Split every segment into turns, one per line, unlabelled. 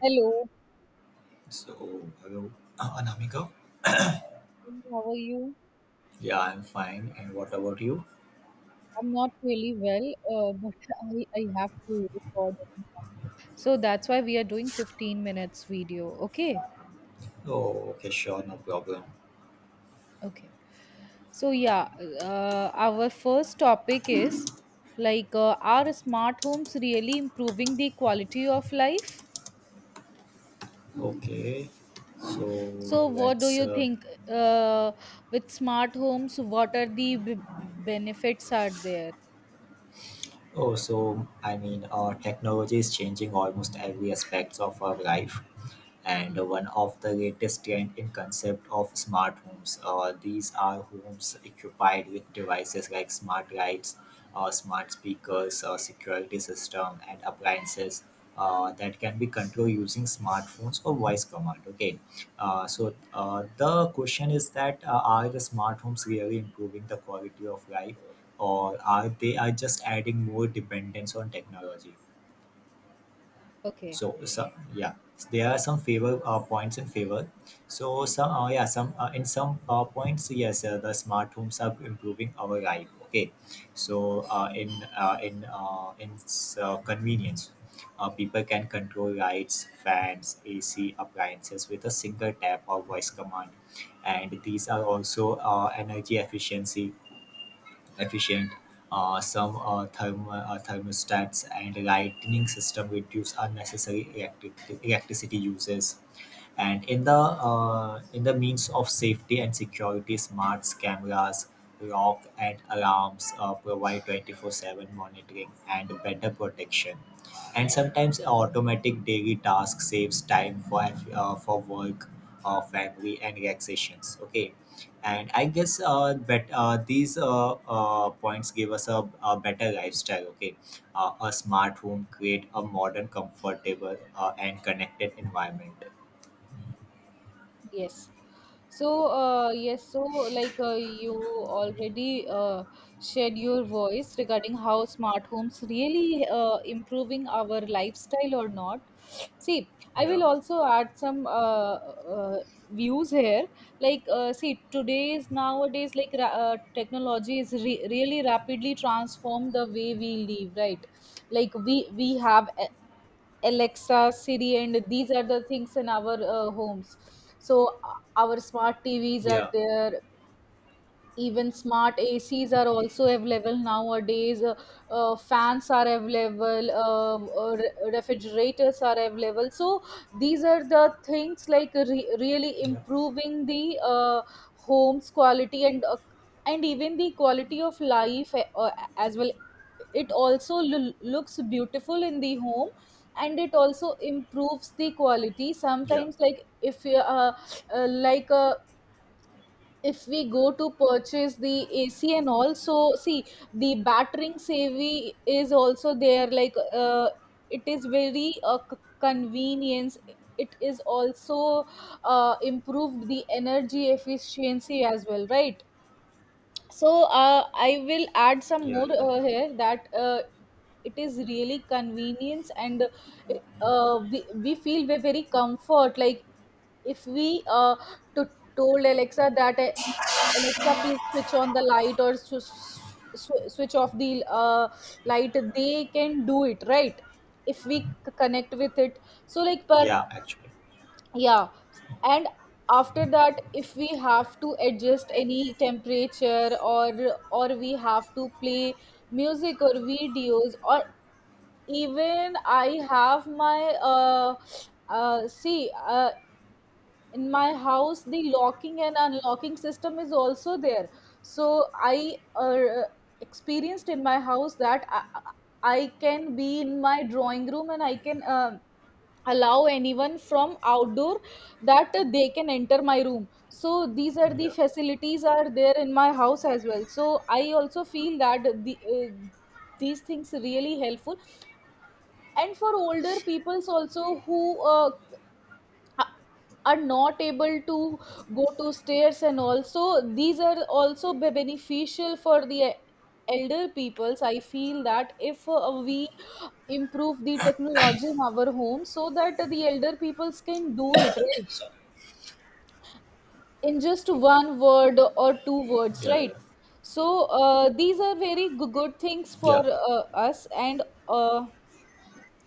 Hello,
So, hello, Anamika.
how are you?
Yeah, I'm fine. And what about you?
I'm not really well, but I have to record. So that's why we are doing 15 minutes video. Okay,
Oh, okay, sure, no problem.
okay. So yeah, our first topic is are smart homes really improving the quality of life?
Okay, so
So what do
let's.
you
Uh,
think with smart homes? What are the b benefits are there?
I mean, our technology is changing almost every aspects of our life. And one of the latest trend in concept of smart homes. These are homes equipped with devices like smart lights, smart speakers, security system, and appliances that can be controlled using smartphones or voice command. Okay, the question is that are the smart homes really improving the quality of life, or are they are just adding more dependence on technology?
Okay.
So, yeah, there are some favor points in favor. So some, yeah, some, in some, points, yes, the smart homes are improving our life. Okay, so in convenience, people can control lights, fans, ac appliances with a single tap or voice command. And these are also, energy efficiency efficient. Some, thermostats and lighting system reduce unnecessary electricity uses. And in the, in the means of safety and security, smart cameras, lock and alarms provide 24/7 monitoring and better protection. And sometimes automatic daily task saves time for, for work, family and relaxations. Okay, and I guess these, points give us a better lifestyle. Okay, a smart home create a modern comfortable and connected environment.
Yes. So, yes, so you already shared your voice regarding how smart homes really improving our lifestyle or not. See, I
Yeah,
will also add some views here. Like, see, today's nowadays, technology is really rapidly transformed the way we live, right? Like we have Alexa, Siri, and these are the things in our homes. So our smart TVs are
yeah,
there, even smart acs are also available nowadays fans are available refrigerators are available, so these are the things like really
yeah,
improving the home's quality and even the quality of life as well. It also looks beautiful in the home, and it also improves the quality
yeah,
sometimes like if you like a if we go to purchase the AC and also see the battering savvy is also there. It is very convenience. It is also improved the energy efficiency as well, right? So I will add some
yeah,
more
yeah, yeah,
here that it is really convenience and we feel we very comfort. Like if we to, told Alexa that Alexa, please switch on the light or switch off the light, they can do it, right? If we connect with it. So like per.
yeah. Actually,
Yeah, and after that, if we have to adjust any temperature, or we have to play music or videos, or even I have my see in my house the locking and unlocking system is also there. So I experienced in my house that I can be in my drawing room and I can allow anyone from outdoor that they can enter my room. So these are the
yeah,
facilities are there in my house as well. So I also feel that these things really helpful. And for older peoples also who uh, are not able to go to stairs, and also these are also beneficial for the elder peoples. I feel that if we improve the technology in our home so that the elder peoples can do it, right? In just one word or two words,
yeah, yeah,
right? So these are very good things for
yeah,
us. And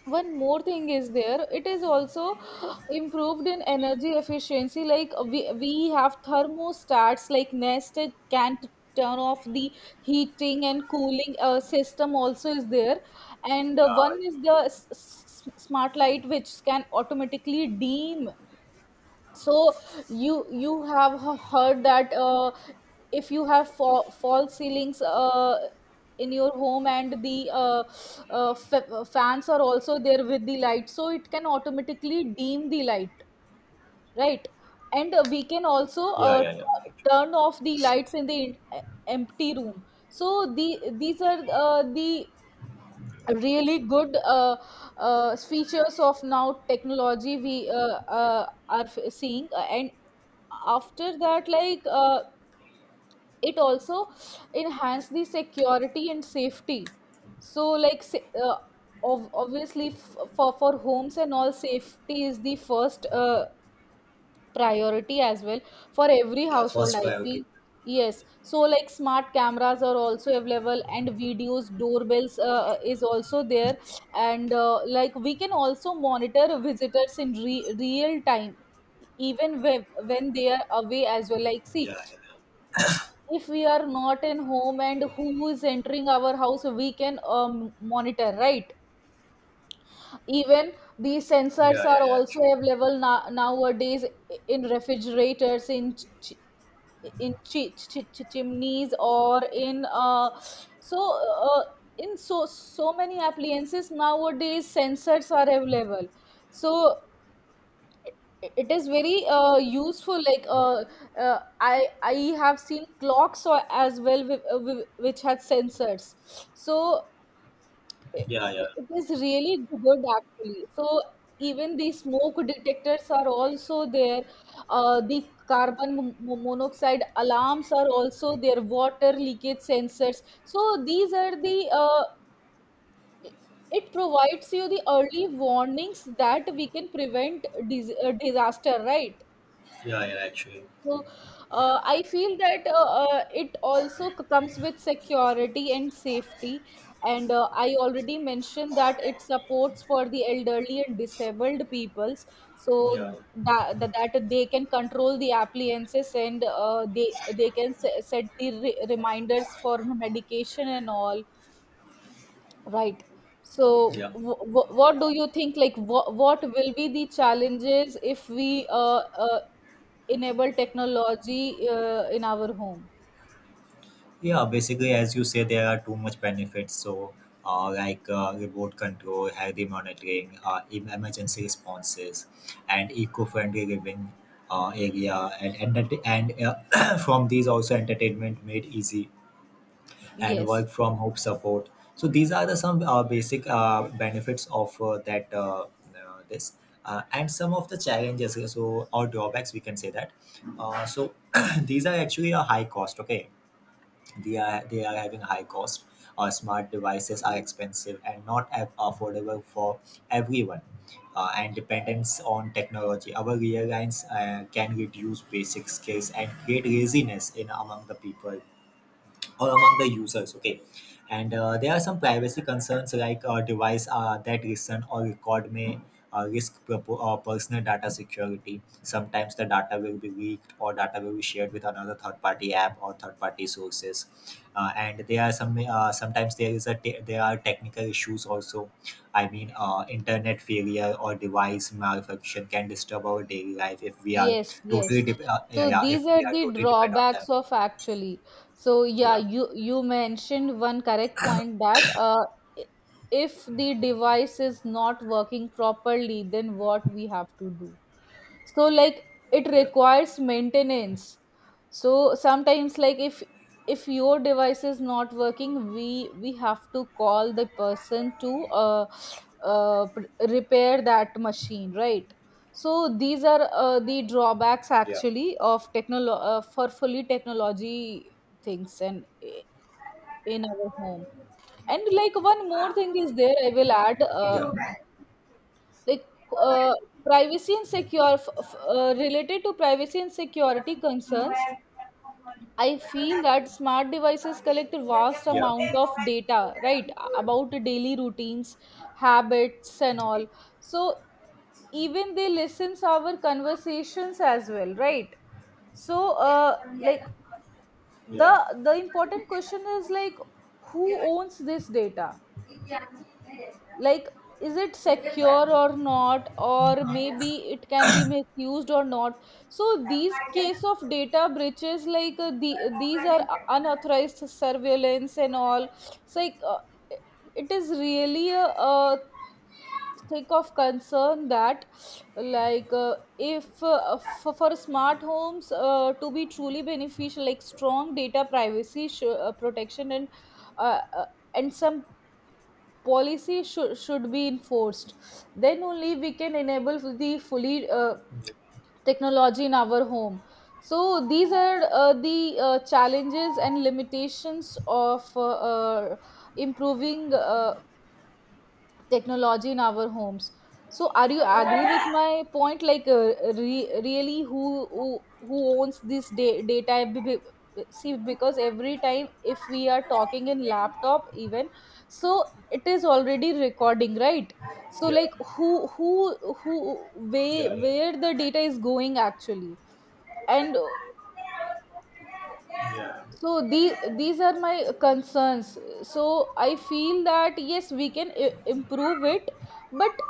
one more thing is there. It is also improved in energy efficiency. Like we have thermostats like nest, can not turn off the heating and cooling system also is there. And one
yeah,
is the smart light which can automatically dim. So you have heard that if you have false ceilings in your home and the fans are also there with the light, so it can automatically dim the light, right? And we can also
yeah, yeah, yeah. Actually,
turn off the lights in the empty room. So these are the really good features of now technology we seeing. And after that it also enhance the security and safety. So obviously for homes and all, safety is the first priority as well for every
yeah.
household,
First
I feel.
biotic.
Yes, so like smart cameras are also available, and videos doorbells is also there. And like we can also monitor visitors in real time, even when they are away as well. Like see,
Yeah, yeah,
if we are not in home and who is entering our house, we can monitor, right? Even the sensors
yeah,
are
yeah, yeah.
also
Actually,
available nowadays, in refrigerators, ch- in chimneys, or in so uh, in so so many appliances nowadays sensors are available. So it is very useful. I have seen clocks or as well with, which had sensors. So it,
yeah, yeah,
it is really good actually. So even the smoke detectors are also there, the carbon monoxide alarms are also there, water leakage sensors. So these are the it provides you the early warnings that we can prevent disaster, right?
yeah, yeah. Actually,
So I feel that it also comes with security and safety. And I already mentioned that it supports for the elderly and disabled peoples,
yeah,
so that they can control the appliances, and they can set the reminders for medication and all. Right. So,
yeah,
what do you think? Like, what will be the challenges if we enable technology in our home?
yeah. Basically, as you say, there are too much benefits. So, like remote control, healthy monitoring, emergency responses, and eco-friendly living area, and from these also entertainment made easy and
Yes.
work from home support. So these are the some basic benefits of that this and some of the challenges. So or drawbacks we can say that. So these are actually a high cost. Okay, they are having a high cost. Smart devices are expensive and not affordable for everyone. And dependence on technology. Our airlines can reduce basic skills and create laziness in among the people or among the users. Okay, and there are some privacy concerns like, device that listen or record may personal data security. Sometimes the data will be leaked or data will be shared with another third party app or third party sources. And there are some, sometimes there is a te- there are technical issues also. I mean, internet failure or device malfunction can disturb our daily life if we are
Yes,
totally
yes.
de- uh, yeah,
So
yeah
these
if we
are
are
the
totally dependent on them.
drawbacks of, actually. So yeah,
Yeah,
you mentioned one correct point that i- if the device is not working properly, then what we have to do. So like it
yeah,
requires maintenance. So sometimes like if your device is not working, we have to call the person to uh, pr- repair that machine, right? So these are the drawbacks
yeah.
actually of for fully technology things, and in our home. And like one more thing is there, I will add
Yeah. Yeah. Okay.
like uh, privacy and secure related to privacy and security concerns. I feel that smart devices
Yeah.
collect a
Yeah.
vast
Yeah.
amount of
Yeah.
data, right, about daily routines, habits and all. So even they listens our conversations as well, right? So the important question is like, who owns this data? Like, is it secure or not, or maybe it can be misused or not? So these case of data breaches, these are unauthorized surveillance and all. it's like uh, it is really a thing of concern that if for smart homes to be truly beneficial, like strong data privacy protection uh, uh, and some policy should be enforced. Then only we can enable the fully technology in our home. So these are the challenges and limitations of improving technology in our homes. So are you agree with my point? Really, who owns this data? See, because every time if we are talking in laptop even, so it is already recording, right? So like who, where the data is going actually. And so these are my concerns. So I feel that yes, we can improve it, but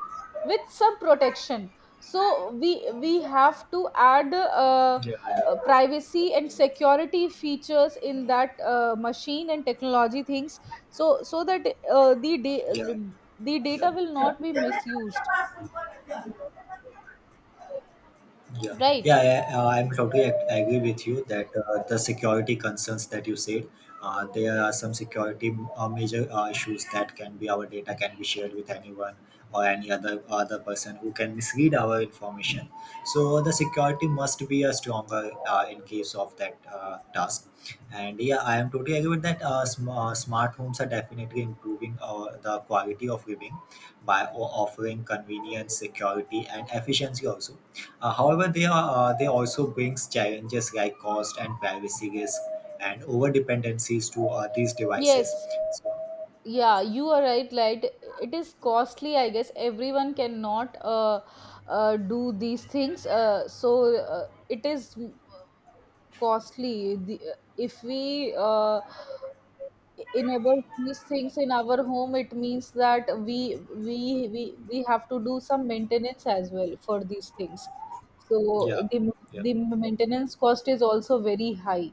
with some protection. So we have to add
Yeah. Yeah. Yeah.
privacy and security features in that machine and technology things, so so that uh, the
Yeah.
da- the
Yeah.
data will not be misused,
Yeah,
right?
yeah, yeah, I'm totally agree with you that, the security concerns that you said, there are some security major issues that can be our data can be shared with anyone or any other person who can mislead our information. So the security must be a stronger in case of that task. And yeah, I am totally agree with that. Smart homes are definitely improving the quality of living by offering convenience, security, and efficiency also. However, they are they also brings challenges like cost and privacy risk and over dependencies to these devices.
Yes.
So,
Yeah, you are right, like it is costly. I guess everyone cannot do these things. So it is costly. If we enable these things in our home, it means that we have to do some maintenance as well for these things. So
yeah.
the,
Yeah.
the maintenance cost is also very high.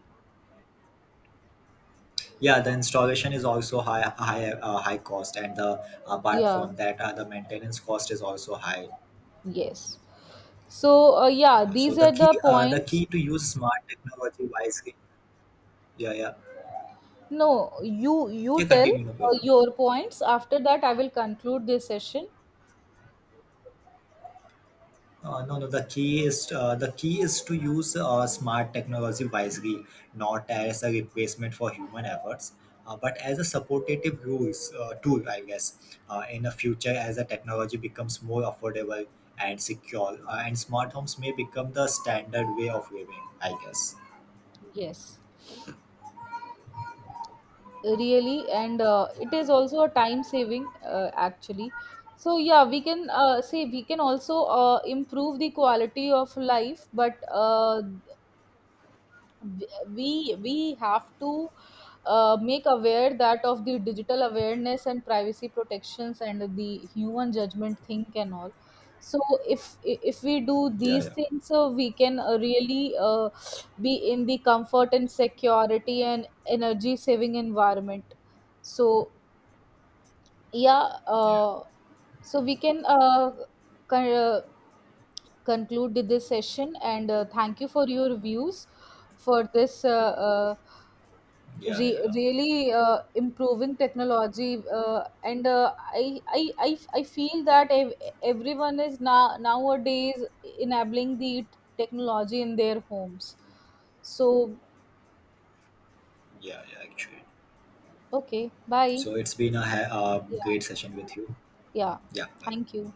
Yeah, the installation is also high cost, and apart
Yeah,
from that, the maintenance cost is also high.
yes. So yeah,
So
these are the
the
points.
key to use smart technology wisely. Yeah, yeah,
No, you
yeah.
tell
Continue, no problem.
your points. After that, I will conclude this session.
No, no. The key is, the key is to use smart technology wisely, not as a replacement for human efforts, but as a supportive rules tool, I guess. In the future, as the technology becomes more affordable and secure, and smart homes may become the standard way of living, I guess.
Yes, really, and it is also a time saving actually. So yeah, we can say we can also improve the quality of life, but we have to make aware that of the digital awareness and privacy protections and the human judgment think and all. So if we do
Yeah,
these
yeah,
things, so we can really be in the comfort and security and energy saving environment. So yeah.
yeah,
So we can con- uh, conclude this session. And thank you for your views for this uh,
yeah, yeah, yeah.
really improving technology. Uh, and I feel that everyone is now nowadays enabling the technology in their homes. So
Yeah, yeah. Actually,
okay, bye.
so it's been a
Yeah.
great session with you.
Yeah.
Yeah, bye.
Thank you.